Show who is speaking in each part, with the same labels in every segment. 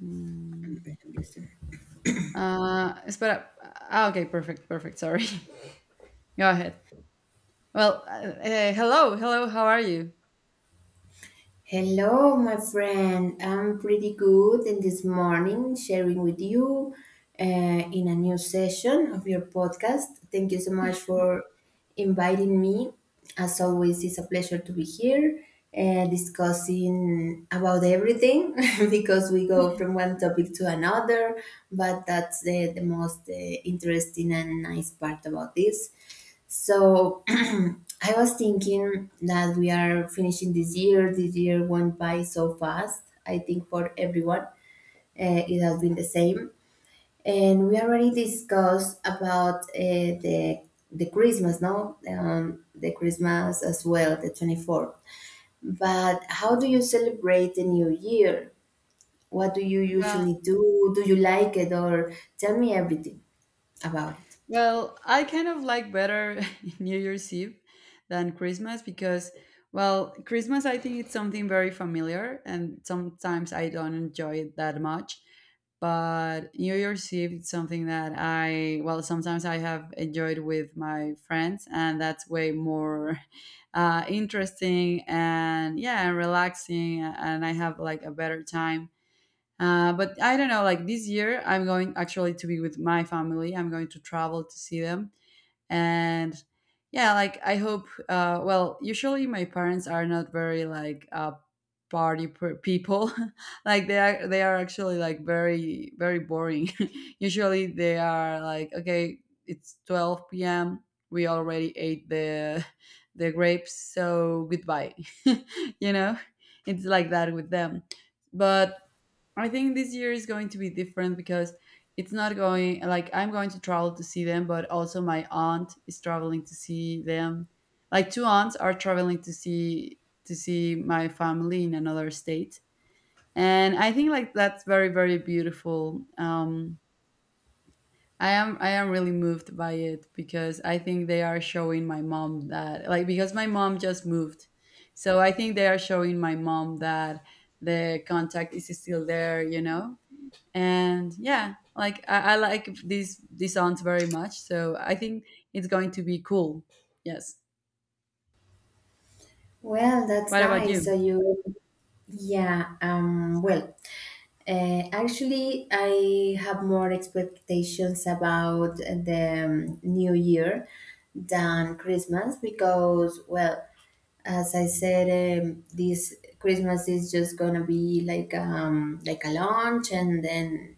Speaker 1: Mm. Uh, is but okay, perfect, perfect. Sorry. Go ahead. Well, hello. How are you?
Speaker 2: Hello, my friend. I'm pretty good in this morning sharing with you in a new session of your podcast. Thank you so much for inviting me. As always, it's a pleasure to be here discussing about everything because we go from one topic to another, but that's the most interesting and nice part about this. So, I was thinking that we are finishing this year. This year went by so fast. I think for everyone, it has been the same. And we already discussed about the Christmas, no, the Christmas as well, the 24th. But how do you celebrate the New Year? What do you
Speaker 1: Well,
Speaker 2: usually do? Do you like it, or tell me everything about it?
Speaker 1: Well, I kind of like better New Year's Eve than Christmas because, well, Christmas I think it's something very familiar and sometimes I don't enjoy it that much. But New Year's Eve it's something that I, well, sometimes I have enjoyed with my friends and that's way more interesting and yeah, and relaxing and I have like a better time but I don't know, like this year, I'm going actually to be with my family. I'm going to travel to see them. And yeah, like I hope, well, usually my parents are not very like people. Like they are actually like very, very boring. Usually they are like, okay, it's 12 p.m. We already ate the the grapes, so goodbye. you know, it's like that with them but I think this year is going to be different because it's not going like I'm going to travel to see them, but also my aunt is traveling to see them. Like two aunts are traveling to see my family in another state. And I think like that's very, very beautiful. I am really moved by it because I think they are showing my mom that, like, because my mom just moved. So I think they are showing my mom that the contact is still there, you know? And yeah, like I like these songs very much, so I think it's going to be cool. Yes.
Speaker 2: Well, that's
Speaker 1: What about
Speaker 2: nice.
Speaker 1: you?
Speaker 2: So you. Yeah, well, actually, I have more expectations about the new year than Christmas because, well, as I said, this Christmas is just gonna be like a launch and then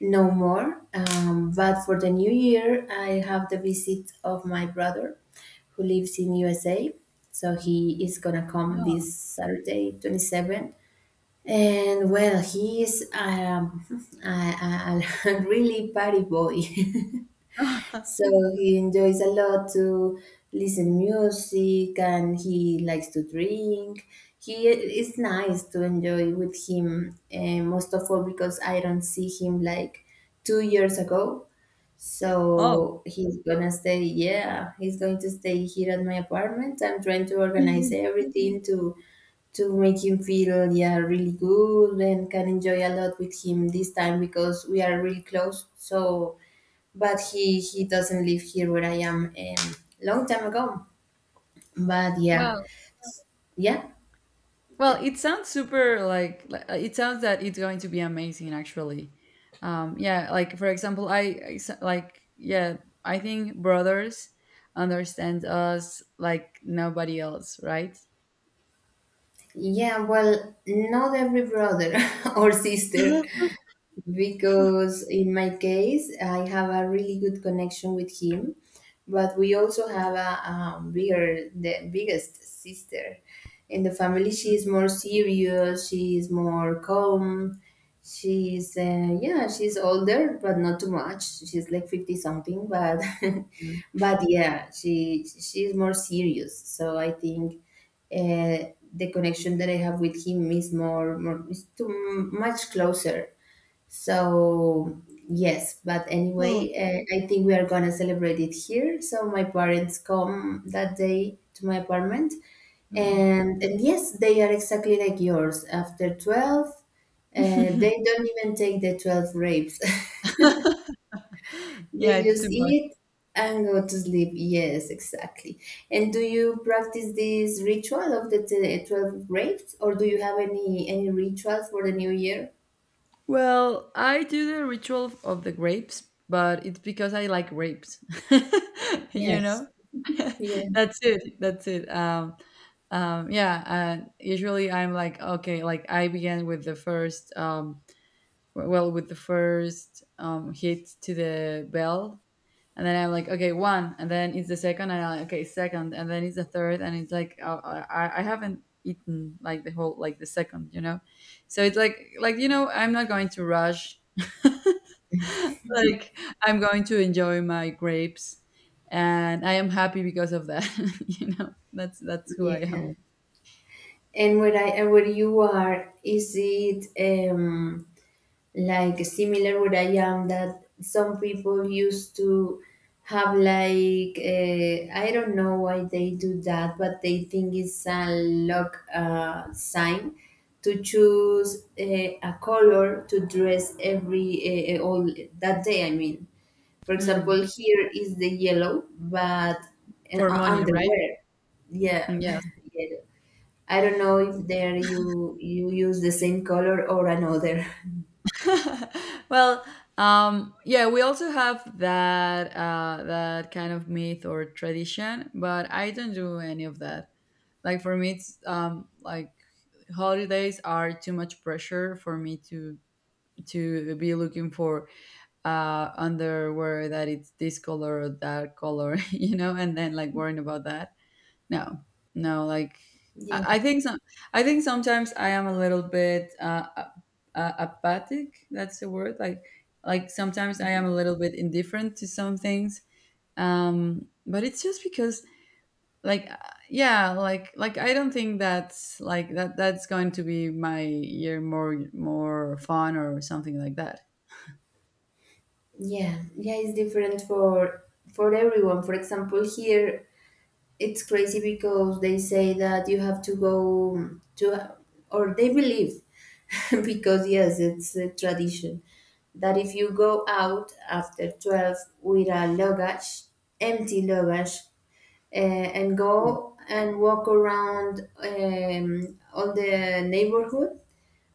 Speaker 2: no more. But for the new year, I have the visit of my brother who lives in USA. So he is gonna come
Speaker 1: No.
Speaker 2: this Saturday, 27, and well, he's a, a, a really party boy. So he enjoys a lot to listen music and he likes to drink. He, it's nice to enjoy with him most of all because I don't see him like 2 years ago.
Speaker 1: Oh.
Speaker 2: So he's gonna stay, yeah, he's going to stay here at my apartment. I'm trying to organize everything to make him feel, yeah, really good and can enjoy a lot with him this time because we are really close. So but he doesn't live here where I am, long time ago, but yeah.
Speaker 1: Well,
Speaker 2: Yeah.
Speaker 1: well, it sounds super like it sounds that it's going to be amazing actually. Yeah, like for example, I like, yeah, I think brothers understand us like nobody else, right?
Speaker 2: Yeah, well, not every brother or sister, because in my case, I have a really good connection with him, but we also have a, bigger, the biggest sister in the family. She is more serious. She is more calm. She's yeah, she's older, but not too much. She's like 50 something, but
Speaker 1: Mhm.
Speaker 2: but yeah, she's more serious. So I think the connection that I have with him is more more is too much closer. So, yes, but
Speaker 1: Oh.
Speaker 2: anyway, I think we are gonna celebrate it here. So, my parents come that day to my apartment,
Speaker 1: Mm.
Speaker 2: and yes, they are exactly like yours. After 12, they don't even take the 12 grapes,
Speaker 1: Yeah,
Speaker 2: they
Speaker 1: it's too
Speaker 2: just
Speaker 1: much.
Speaker 2: eat and go to sleep. Yes, exactly. And do you practice this ritual of the t- 12 grapes, or do you have any ritual for the new year?
Speaker 1: Well, I do the ritual of the grapes, but it's because I like grapes. You know,
Speaker 2: Yes. Yeah.
Speaker 1: that's it. That's it. Yeah. And usually, I'm like, okay, like I began with the first, well, with the first hit to the bell, and then I'm like, okay, one, and then it's the second, and I'm like, okay, second, and then it's the third, and it's like I haven't eaten like the whole, like, the second, you know, so it's like, you know, I'm not going to rush, like, I'm going to enjoy my grapes, and I am happy because of that, you know. That's who I am.
Speaker 2: Yeah. And where you are, is it um, like similar where I am that some people used to have like I don't know why they do that, but they think it's a luck sign to choose a color to dress every all that day. I mean, for example,
Speaker 1: Mm.
Speaker 2: here is the yellow, but
Speaker 1: For money, right?
Speaker 2: underwear, yeah,
Speaker 1: Mm. Yeah.
Speaker 2: yellow. I don't know if there you use the same color or another.
Speaker 1: Well, yeah, we also have that that kind of myth or tradition, but I don't do any of that. Like for me, it's like, holidays are too much pressure for me to be looking for underwear that it's this color or that color, you know, and then like worrying about that. No, no, like I,
Speaker 2: Yeah,
Speaker 1: I think some, I think sometimes I am a little bit apathic. That's the word. Like sometimes I am a little bit indifferent to some things. But it's just because, like, yeah, like I don't think that's like that. That's going to be my year more, more fun or something like that.
Speaker 2: yeah, yeah. It's different for everyone. For example, here it's crazy because they say that you have to go to, or they believe, because yes, it's a tradition that if you go out after 12 with a luggage, empty luggage, uh, and go and walk around all the neighborhood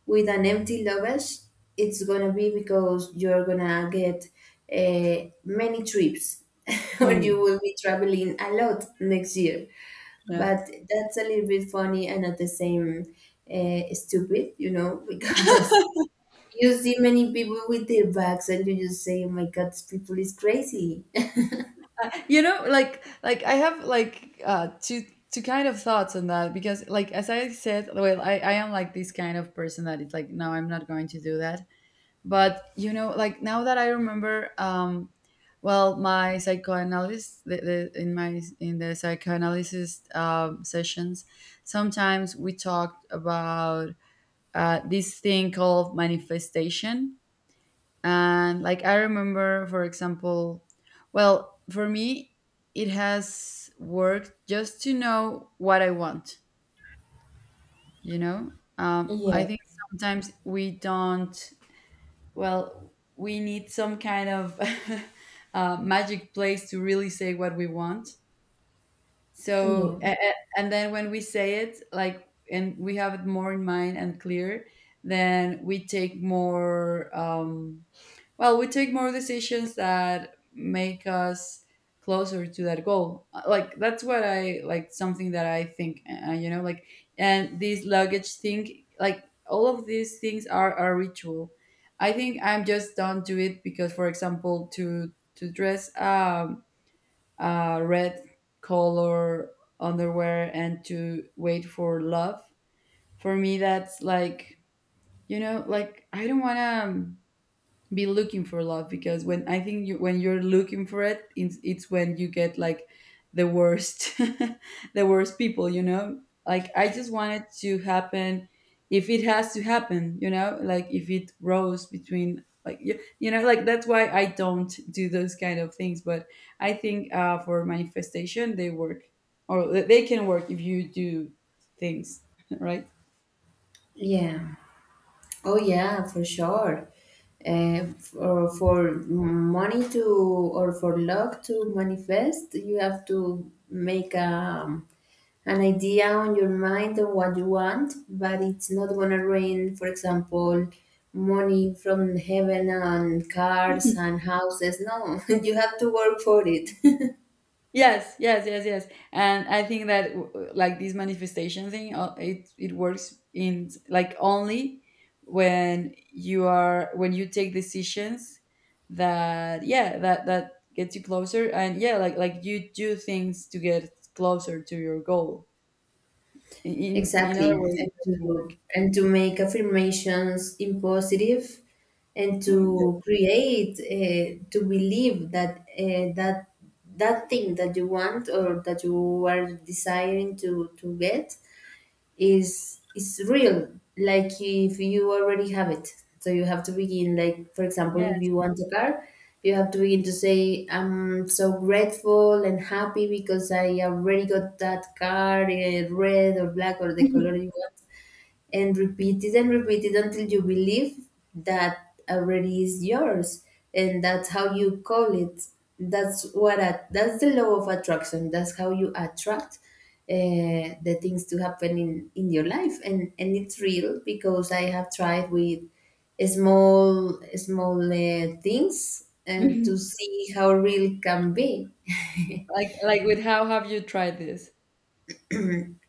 Speaker 2: with an empty luggage, it's gonna be because you're gonna get many trips, or you
Speaker 1: Hmm.
Speaker 2: will be traveling a lot next year.
Speaker 1: Yeah.
Speaker 2: But that's a little bit funny and at the same stupid, you know, because you see many people with their bags and you just say, "Oh my God, this people is crazy."
Speaker 1: You know, like I have like two kind of thoughts on that because, like, as I said, well, I am like this kind of person that it's like, no, I'm not going to do that. But you know, like, now that I remember, well, my psychoanalyst, in my, in the psychoanalysis sessions, sometimes we talked about this thing called manifestation. And, like, I remember, for example, well, for me, it has worked just to know what I want, you know? I
Speaker 2: Yeah.
Speaker 1: think sometimes we don't, well, we need some kind of magic place to really say what we want. So, and then when we say it, like, and we have it more in mind and clear, then we take more. Well, we take more decisions that make us closer to that goal. Like, that's what I like, something that I think, you know, like, and this luggage thing, like, all of these things are a ritual. I think I'm just don't do it because, for example, to dress red color underwear and to wait for love, for me that's like, you know, like, I don't want to be looking for love because when I think, you, when you're looking for it, it's when you get like the worst, the worst people. You know, like, I just want it to happen if it has to happen. You know, like, if it rose between like you know, like, that's why I don't do those kind of things. But I think, for manifestation they work, or they can work if you do things right.
Speaker 2: Yeah. Oh yeah, for sure. For money to or for luck to manifest, you have to make an idea on your mind of what you want, but it's not gonna rain, for example, money from heaven and cars and houses. No, you have to work for it.
Speaker 1: Yes, yes, yes, yes. And I think that like, this manifestation thing, it it works in like only when you are when you take decisions that, yeah, that that gets you closer, and yeah, like you do things to get closer to your goal. In other
Speaker 2: Exactly,
Speaker 1: way, it doesn't work.
Speaker 2: and to make affirmations in positive, and
Speaker 1: Oh.
Speaker 2: to create to believe that that that thing that you want or that you are desiring to get is real, like if you already have it. So you have to begin, like, for example,
Speaker 1: Yeah.
Speaker 2: if you want a car, you have to begin to say, I'm so grateful and happy because I already got that car, eh, red or black or the
Speaker 1: Yeah.
Speaker 2: color you want, and repeat it until you believe that already is yours. And that's how you call it. That's what I, that's the law of attraction. That's how you attract uh, the things to happen in your life. And it's real because I have tried with small things, and to see how real can be.
Speaker 1: Like, with how have you tried this?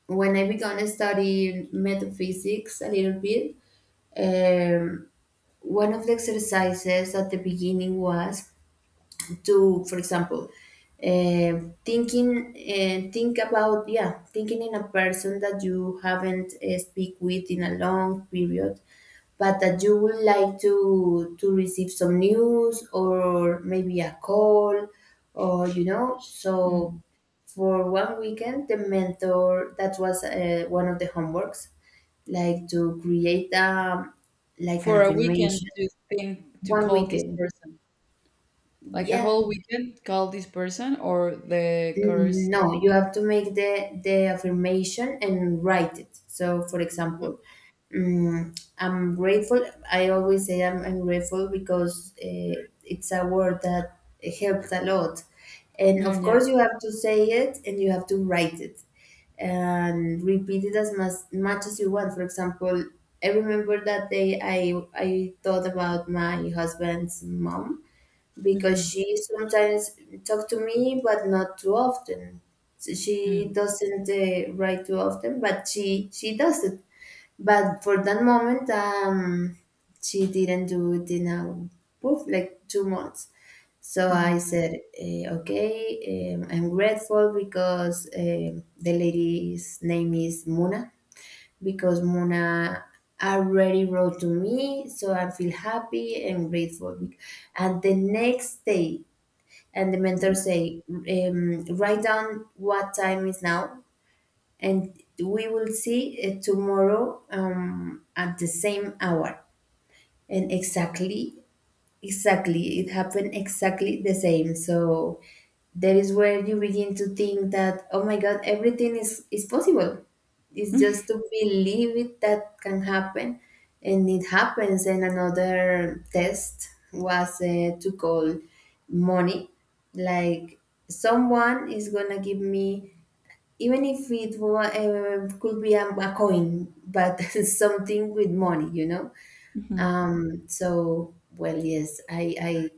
Speaker 2: When I began to study metaphysics a little bit. um. One of the exercises at the beginning was to, for example, eh, thinking and think about, yeah, thinking in a person that you haven't speak with in a long period, but that you would like to receive some news or maybe a call, or you know. So
Speaker 1: Mm.
Speaker 2: for one weekend, the mentor, that was one of the homeworks, like to create like an
Speaker 1: For a weekend,
Speaker 2: affirmation
Speaker 1: to think to
Speaker 2: one
Speaker 1: call this
Speaker 2: weekend.
Speaker 1: person? Like a
Speaker 2: Yeah.
Speaker 1: whole weekend, call this person or the course?
Speaker 2: No, you have to make the affirmation and write it. So, for
Speaker 1: Mm,
Speaker 2: example, I'm grateful. I always say I'm grateful because it's a word that helps a lot. And
Speaker 1: mm,
Speaker 2: of
Speaker 1: yes.
Speaker 2: course, you have to say it and you have to write it and repeat it as much as you want. For example, I remember that day I thought about my husband's mom because
Speaker 1: Mhm,
Speaker 2: she sometimes talk to me but not too often, so she
Speaker 1: mm,
Speaker 2: doesn't write too often, but she does it. But for that moment, she didn't do it in a poof like 2 months. So I
Speaker 1: mhm,
Speaker 2: said, okay, I'm grateful because, um, the lady's name is Muna, because Muna already wrote to me, so I feel happy and grateful. And the next day, and the mentor say, write down what time is now, and we will see tomorrow at the same hour. And exactly. Exactly, it happened exactly the same. So that is where you begin to think that, oh my God, everything is possible. It's
Speaker 1: mm,
Speaker 2: just to believe it that can happen. And it happens. And another test was to call money. Like someone is going to give me, even if it could be a coin, but something with money, you know?
Speaker 1: mhm.
Speaker 2: So well, yes,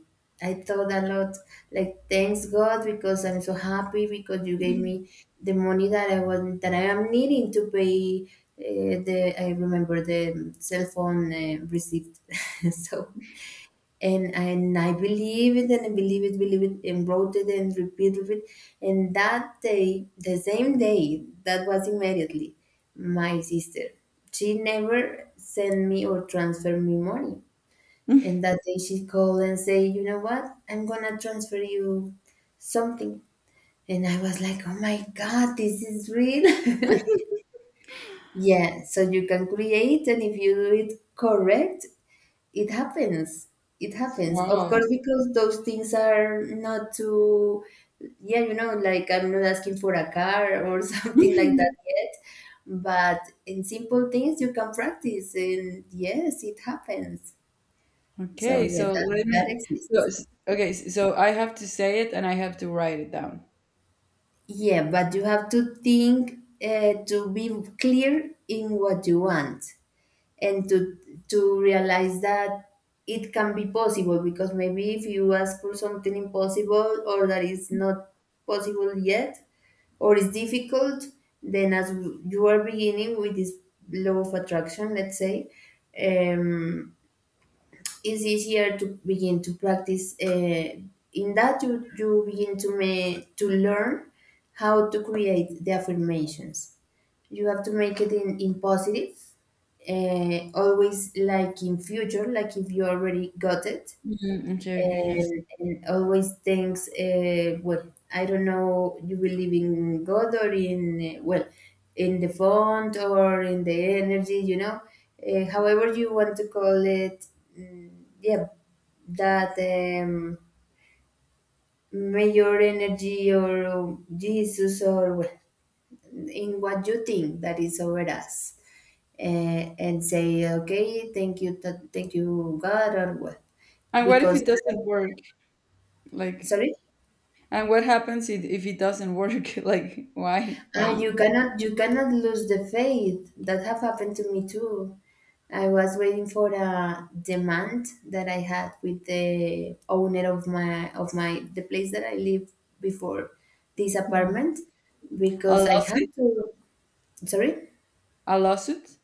Speaker 2: I thought a lot. Like, thanks God because I'm so happy because you gave me the money that I was that I am needing to pay the. I remember the cell phone receipt. So and I believe it and I believe it, and wrote it and repeated it. And that day, the same day, that was immediately, my sister. She never sent me or transferred me money. And that day she called and say, you know what? I'm gonna transfer you something. And I was like, oh my God, this is real. Yeah, so you can create, and if you do it correct, it happens. It happens. Of course,
Speaker 1: Wow.
Speaker 2: because those things are not too, yeah, you know, like I'm not asking for a car or something like that yet. But in simple things, you can practice. And yes, it happens. So
Speaker 1: Okay,
Speaker 2: yeah,
Speaker 1: so
Speaker 2: that,
Speaker 1: let
Speaker 2: that
Speaker 1: me. So,
Speaker 2: exists.
Speaker 1: okay, so I have to say it and I have to write it down?
Speaker 2: Yeah, but you have to think, to be clear in what you want, and to realize that it can be possible, because maybe if you ask for something impossible or that is not possible yet or is difficult, then as you are beginning with this law of attraction, let's say, um, it's easier to begin to practice in that you begin to make to learn how to create the affirmations. You have to make it in positive, always like in future, like if you already got it,
Speaker 1: Mm, okay, okay, yes.
Speaker 2: and always thinks, well, I don't know, you believe in God or in, well, in the font or in the energy, you know, however you want to call it, mm, yeah, that may energy or Jesus or well, in what you think that is over us. And say okay, thank you, thank you God or what
Speaker 1: And what if
Speaker 2: because
Speaker 1: it doesn't work? Like,
Speaker 2: sorry.
Speaker 1: and what happens if it doesn't work? Like, why?
Speaker 2: Ah,
Speaker 1: Why?
Speaker 2: you cannot lose the faith. That have happened to me too. I was waiting for a demand that I had with the owner of my the place that I lived before this
Speaker 1: Mhm.
Speaker 2: apartment,
Speaker 1: A
Speaker 2: because I had
Speaker 1: lawsuit?
Speaker 2: to. Sorry?
Speaker 1: A lawsuit?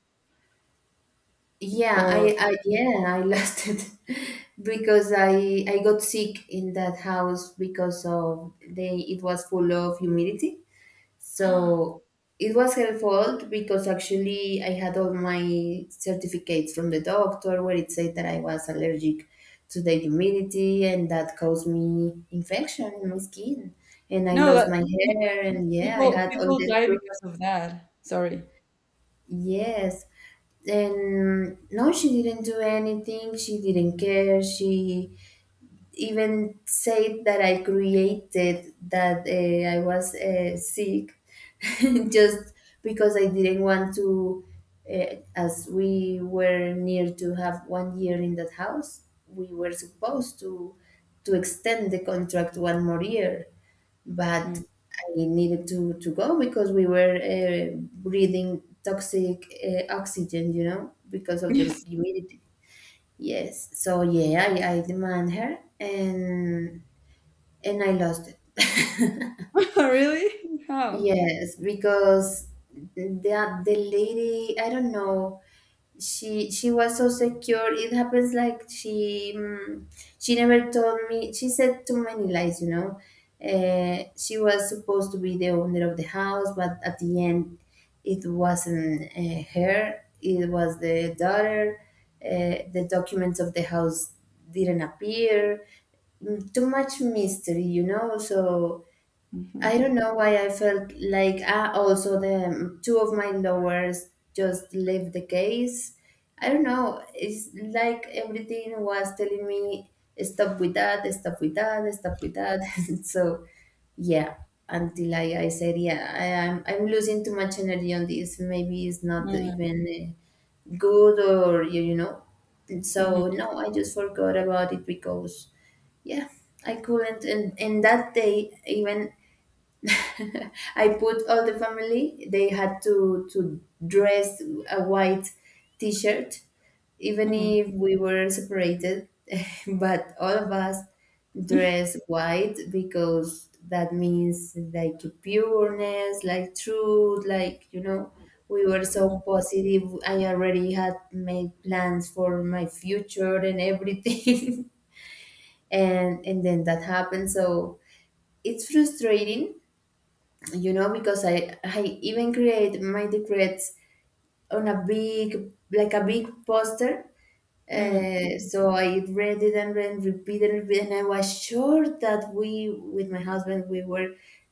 Speaker 2: Yeah,
Speaker 1: Or
Speaker 2: I lost it. Because I got sick in that house because of they it was full of humidity. So it was her fault, because actually I had all my certificates from the doctor where it said that I was allergic to the humidity, and that caused me infection in my skin. And I
Speaker 1: no?
Speaker 2: lost
Speaker 1: That
Speaker 2: my hair. And yeah, I
Speaker 1: people,
Speaker 2: had all
Speaker 1: people
Speaker 2: the
Speaker 1: die
Speaker 2: proof.
Speaker 1: because of that. Sorry.
Speaker 2: Yes. And no, she didn't do anything. She didn't care. She even said that I created that, I was sick, just because I didn't want to, as we were near to have one year in that house, we were supposed to extend the contract one more year. But
Speaker 1: Mm.
Speaker 2: I needed to go, because we were breathing toxic oxygen, you know, because of the
Speaker 1: Yes.
Speaker 2: humidity. Yes. So yeah, I demand her, and I lost it.
Speaker 1: Really? How?
Speaker 2: Yes, because that the lady, I don't know, she was so secure. It happens, like. She she never told me. She said too many lies, you know. She was supposed to be the owner of the house, but at the end it wasn't her, it was the daughter. The documents of the house didn't appear. Too much mystery, you know, so
Speaker 1: Mhm.
Speaker 2: I don't know why. I felt like, also the two of my lowers just left the case. I don't know. It's like everything was telling me, stop with that, stop with that, stop with that. So yeah, until I said, yeah, I'm losing too much energy on this. Maybe it's not
Speaker 1: Mm,
Speaker 2: even good, or you know. So
Speaker 1: mhm,
Speaker 2: no, I just forgot about it because yeah, I couldn't. And that day even, I put all the family. They had to dress a white T-shirt, even
Speaker 1: mhm,
Speaker 2: if we were separated. But all of us dress white, because that means like pureness, like truth, like. We were
Speaker 1: mhm,
Speaker 2: so positive. I already had made plans for my future and everything, and then that happened. So it's frustrating, you know, because I even create my decrets on a big, like a big poster,
Speaker 1: mhm, mhm.
Speaker 2: so I read it and read and repeated and repeated. And I was sure that we, with my husband, we were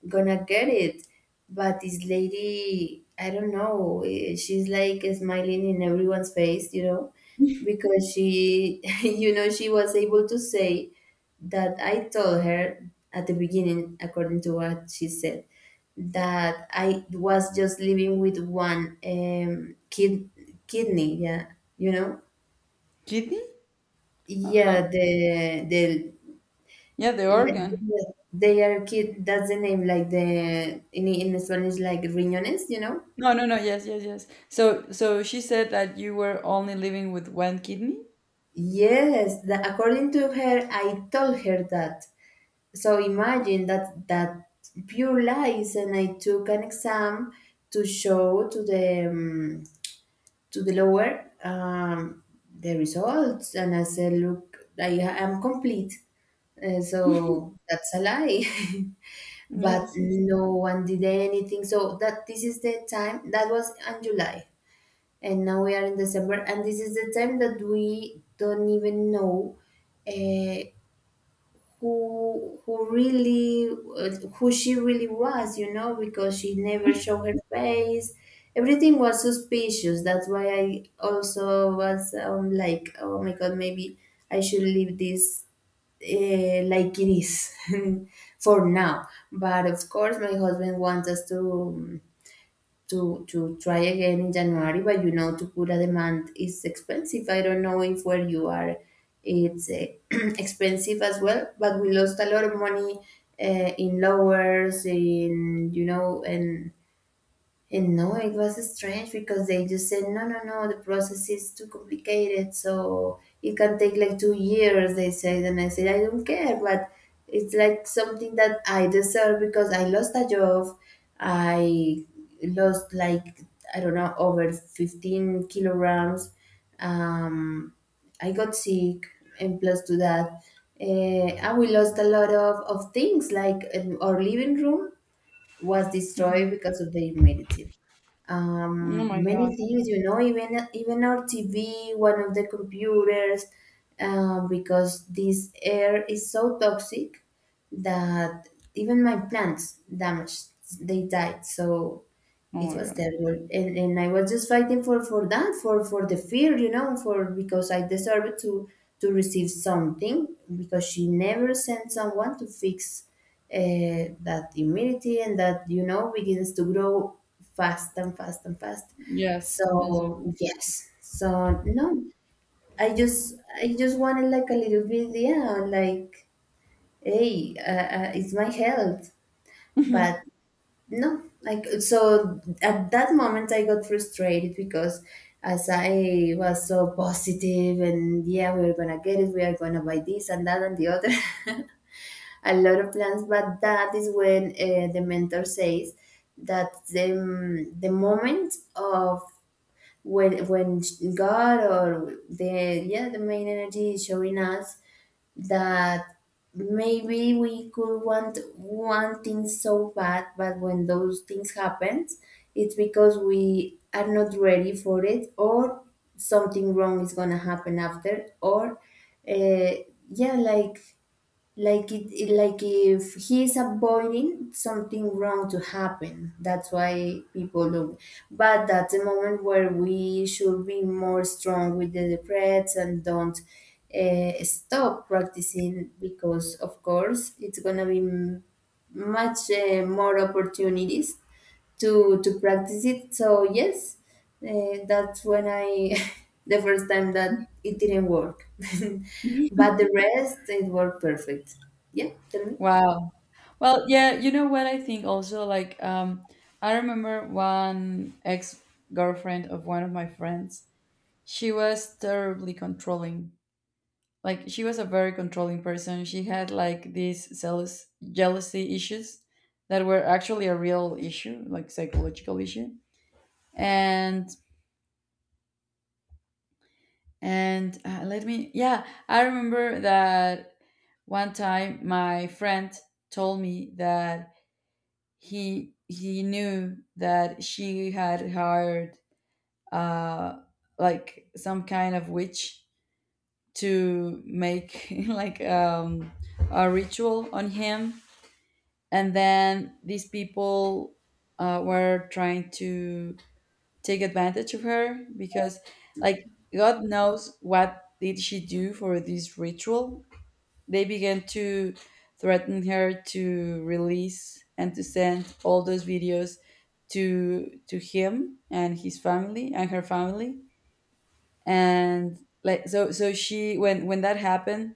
Speaker 2: gonna get it. But this lady, I don't know, she's like smiling in everyone's face, you know, because she, you know, she was able to say that I told her at the beginning, according to what she said, that I was just living with one kid, kidney, yeah, you know.
Speaker 1: Kidney? Uh-huh.
Speaker 2: Yeah, the
Speaker 1: Yeah, the
Speaker 2: like,
Speaker 1: organ.
Speaker 2: they are kid. That's the name, like the in Spanish, like riñones, you know.
Speaker 1: No, no, no. Yes, yes, yes. So so she said that you were only living with one kidney?
Speaker 2: Yes, the, according to her, I told her that. So imagine that, that pure lies. And I took an exam to show to the to the lower, the results. And I said, look, I am complete. So that's a lie. But
Speaker 1: Yes, yes.
Speaker 2: no one did anything. So that, this is the time that was in July, and now we are in December, and this is the time that we don't even know. Uh, who really, who she really was, you know, because she never showed her face. Everything was suspicious. That's why I also was, like, oh my God, maybe I should leave this, like it is, for now. But of course my husband wants us to, to try again in January. But you know, to put a demand is expensive. I don't know, if where you are, it's expensive as well. But we lost a lot of money in lowers, in, you know, and no, it was strange, because they just said, no, no, no, the process is too complicated. So it can take like 2 years, they said. And I said, I don't care, but it's like something that I deserve, because I lost a job. I lost like, I don't know, over 15 kilograms. Um, I got sick, and plus to that, uh, and we lost a lot of things. Like our living room was destroyed
Speaker 1: Mhm.
Speaker 2: because of the humidity.
Speaker 1: Oh my God.
Speaker 2: Many things, you know, even our TV, one of the computers, because this air is so toxic that even my plants damaged, they died. So
Speaker 1: Oh
Speaker 2: it
Speaker 1: my
Speaker 2: was
Speaker 1: God.
Speaker 2: terrible. And I was just fighting for that for the fear, you know, for, because I deserved to receive something, because she never sent someone to fix that immunity. And that, you know, begins to grow fast and fast and fast.
Speaker 1: Yes, yes, yes.
Speaker 2: So yes, so no, I just, I just wanted like a little bit. Yeah, like, hey, it's my health. But no, like, so at that moment I got frustrated, because as I was so positive and yeah, we're gonna get it, we are gonna buy this and that and the other, a lot of plans. But that is when the mentor says that the moment of, when God, or the, yeah, the main energy is showing us that maybe we could want one thing so bad, but when those things happen, it's because we are not ready for it, or something wrong is gonna happen after, or uh, yeah, like it it- like, if he's avoiding something wrong to happen. That's why people look, but that's a moment where we should be more strong with the breaths, and don't stop practicing, because of course it's gonna be m- much more opportunities to practice it. So yes, that's when I, the first time that it didn't work, but the rest it worked perfect. Yeah, tell me.
Speaker 1: Wow. Well, yeah, you know what I think also, like, I remember one ex-girlfriend of one of my friends. She was terribly controlling. Like, she was a very controlling person. She had like these jealousy issues that were actually a real issue, like, psychological issue. And and let me, yeah, I remember that one time my friend told me that he knew that she had hired uh like some kind of witch to make like a ritual on him, and then these people were trying to take advantage of her because, like, god knows what did she do for this ritual. They began to threaten her to release and to send all those videos to him and his family and her family. And, like, so so she, when that happened,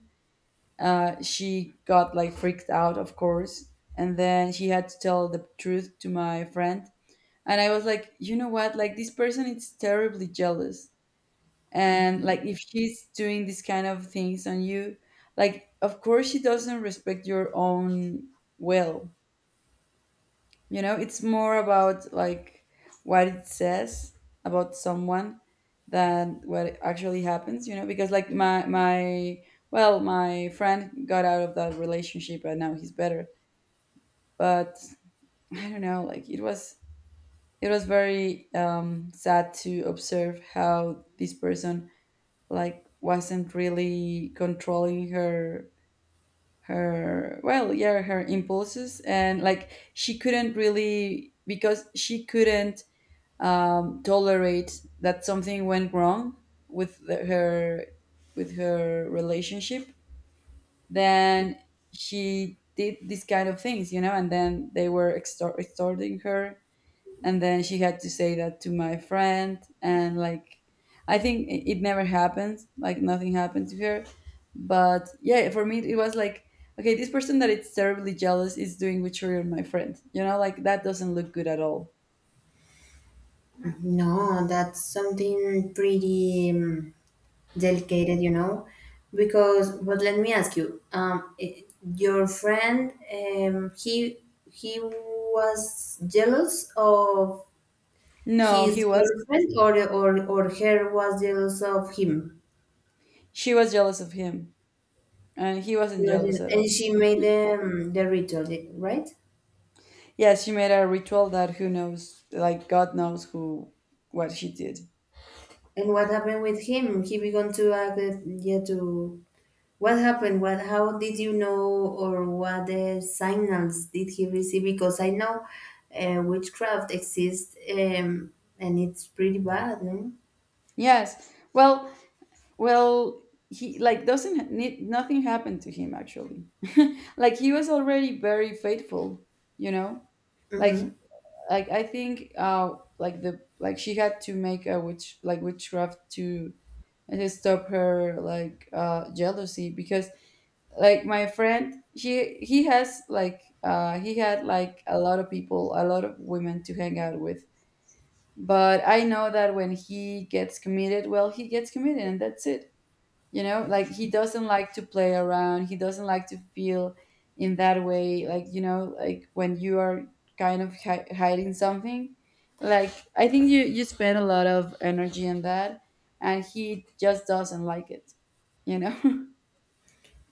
Speaker 1: she got like freaked out, of course. And then she had to tell the truth to my friend. And I was like, you know what? Like, this person is terribly jealous, and like, if she's doing this kind of things on you, like, of course she doesn't respect your own will, you know. It's more about like what it says about someone than what actually happens, you know, because, like, my well, my friend got out of that relationship and now he's better, but I don't know, like, it was, it was very sad to observe how this person, like, wasn't really controlling her, her, well, yeah, her impulses, and, like, she couldn't really, because she couldn't tolerate that something went wrong with the, her, with her relationship, then she did these kind of things, you know, and then they were extorting her, and then she had to say that to my friend and, like, I think it it never happened, like, nothing happened to her. But yeah, for me, it was like, okay, this person that is terribly jealous is doing witchery on my friend, you know, like, that doesn't look good at all.
Speaker 2: No, that's something pretty delicate, you know, because, but let me ask you, your friend, he was jealous of
Speaker 1: No, he
Speaker 2: his
Speaker 1: was,
Speaker 2: girlfriend, or or her was jealous of him.
Speaker 1: she was jealous of him, and he wasn't
Speaker 2: Yes,
Speaker 1: jealous
Speaker 2: yes.
Speaker 1: at all.
Speaker 2: And she made the ritual, the- right?
Speaker 1: Yes, she made a ritual that, who knows, like, god knows who, what she did.
Speaker 2: And what happened with him? He began to act, yeah, to. What happened? What? How did you know, or what signals did he receive? Because I know witchcraft exists, and it's pretty bad, no?
Speaker 1: Yes. Well, well, he, like, doesn't need, nothing happened to him actually. Like, he was already very faithful, you know. Like
Speaker 2: Mm-hmm.
Speaker 1: like, I think like the, like, she had to make a witch, like, witchcraft to stop her like jealousy, because, like, my friend, he has like he had like a lot of people, a lot of women to hang out with, but I know that when he gets committed, well, he gets committed, and that's it, you know. Like, he doesn't like to play around, he doesn't like to feel in that way. Like, you know, like, when you are kind of hiding something, like, I think you, you spend a lot of energy on that, and he just doesn't like it, you know.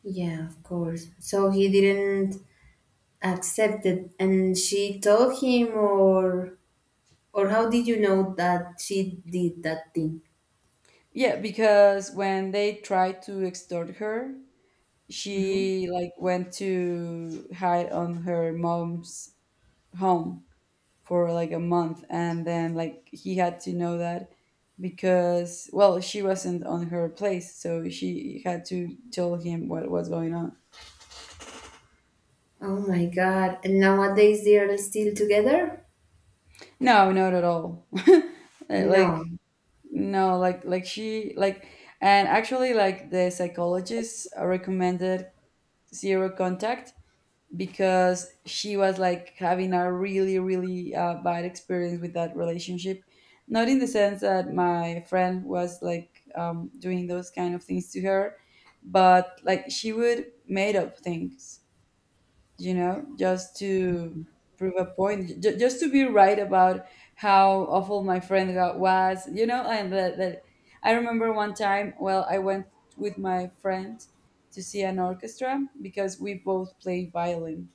Speaker 2: Yeah, of course. So he didn't accept it, and she told him, or how did you know that she did that thing?
Speaker 1: Yeah, because when they tried to extort her, she, like, went to hide on her mom's home for like a month, and then, like, he had to know that because, well, she wasn't on her place, so she had to tell him what was going on.
Speaker 2: Oh my God. And nowadays they are still together?
Speaker 1: No, not at all. Like,
Speaker 2: No.
Speaker 1: no, like, like she, like, and actually, like, the psychologist recommended zero contact because she was, like, having a really, really bad experience with that relationship, not in the sense that my friend was, like, doing those kind of things to her, but, like, she would made up things, you know, just to prove a point, just to be right about how awful my friend got was, you know. And that, that I remember one time, well, I went with my friend to see an orchestra because we both play violin.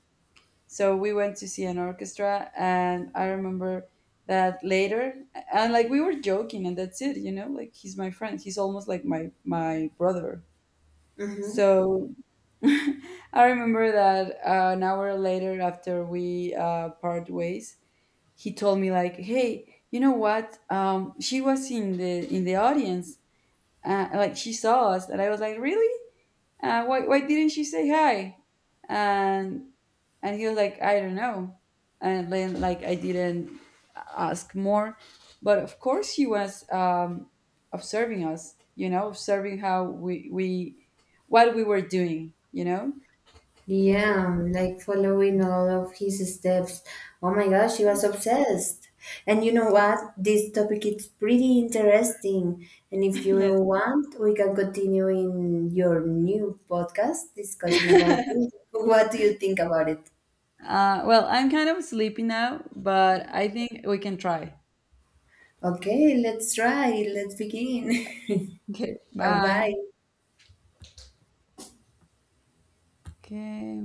Speaker 1: So we went to see an orchestra, and I remember that later, and, like, we were joking, and that's it, you know, like, he's my friend. He's almost like my brother.
Speaker 2: Mm-hmm.
Speaker 1: So I remember that an hour later, after we part ways, he told me like, "Hey, you know what? She was in the audience. Like, she saw us." And I was like, "Really? Why didn't she say hi?" And and he was like, I don't know. And then, like, I didn't ask more, but of course he was observing us, you know, observing how we, what we were doing, you know.
Speaker 2: Yeah, I'm, like, following all of his steps. Oh my gosh, she was obsessed. And you know what? This topic is pretty interesting. And if you
Speaker 1: Yes.
Speaker 2: want, we can continue in your new podcast discussing about this. What do you think about it?
Speaker 1: Well, I'm kind of sleepy now, but I think we can try.
Speaker 2: Okay, let's try. Let's begin.
Speaker 1: Okay.
Speaker 2: Bye
Speaker 1: Bye.
Speaker 2: bye.
Speaker 1: Okay.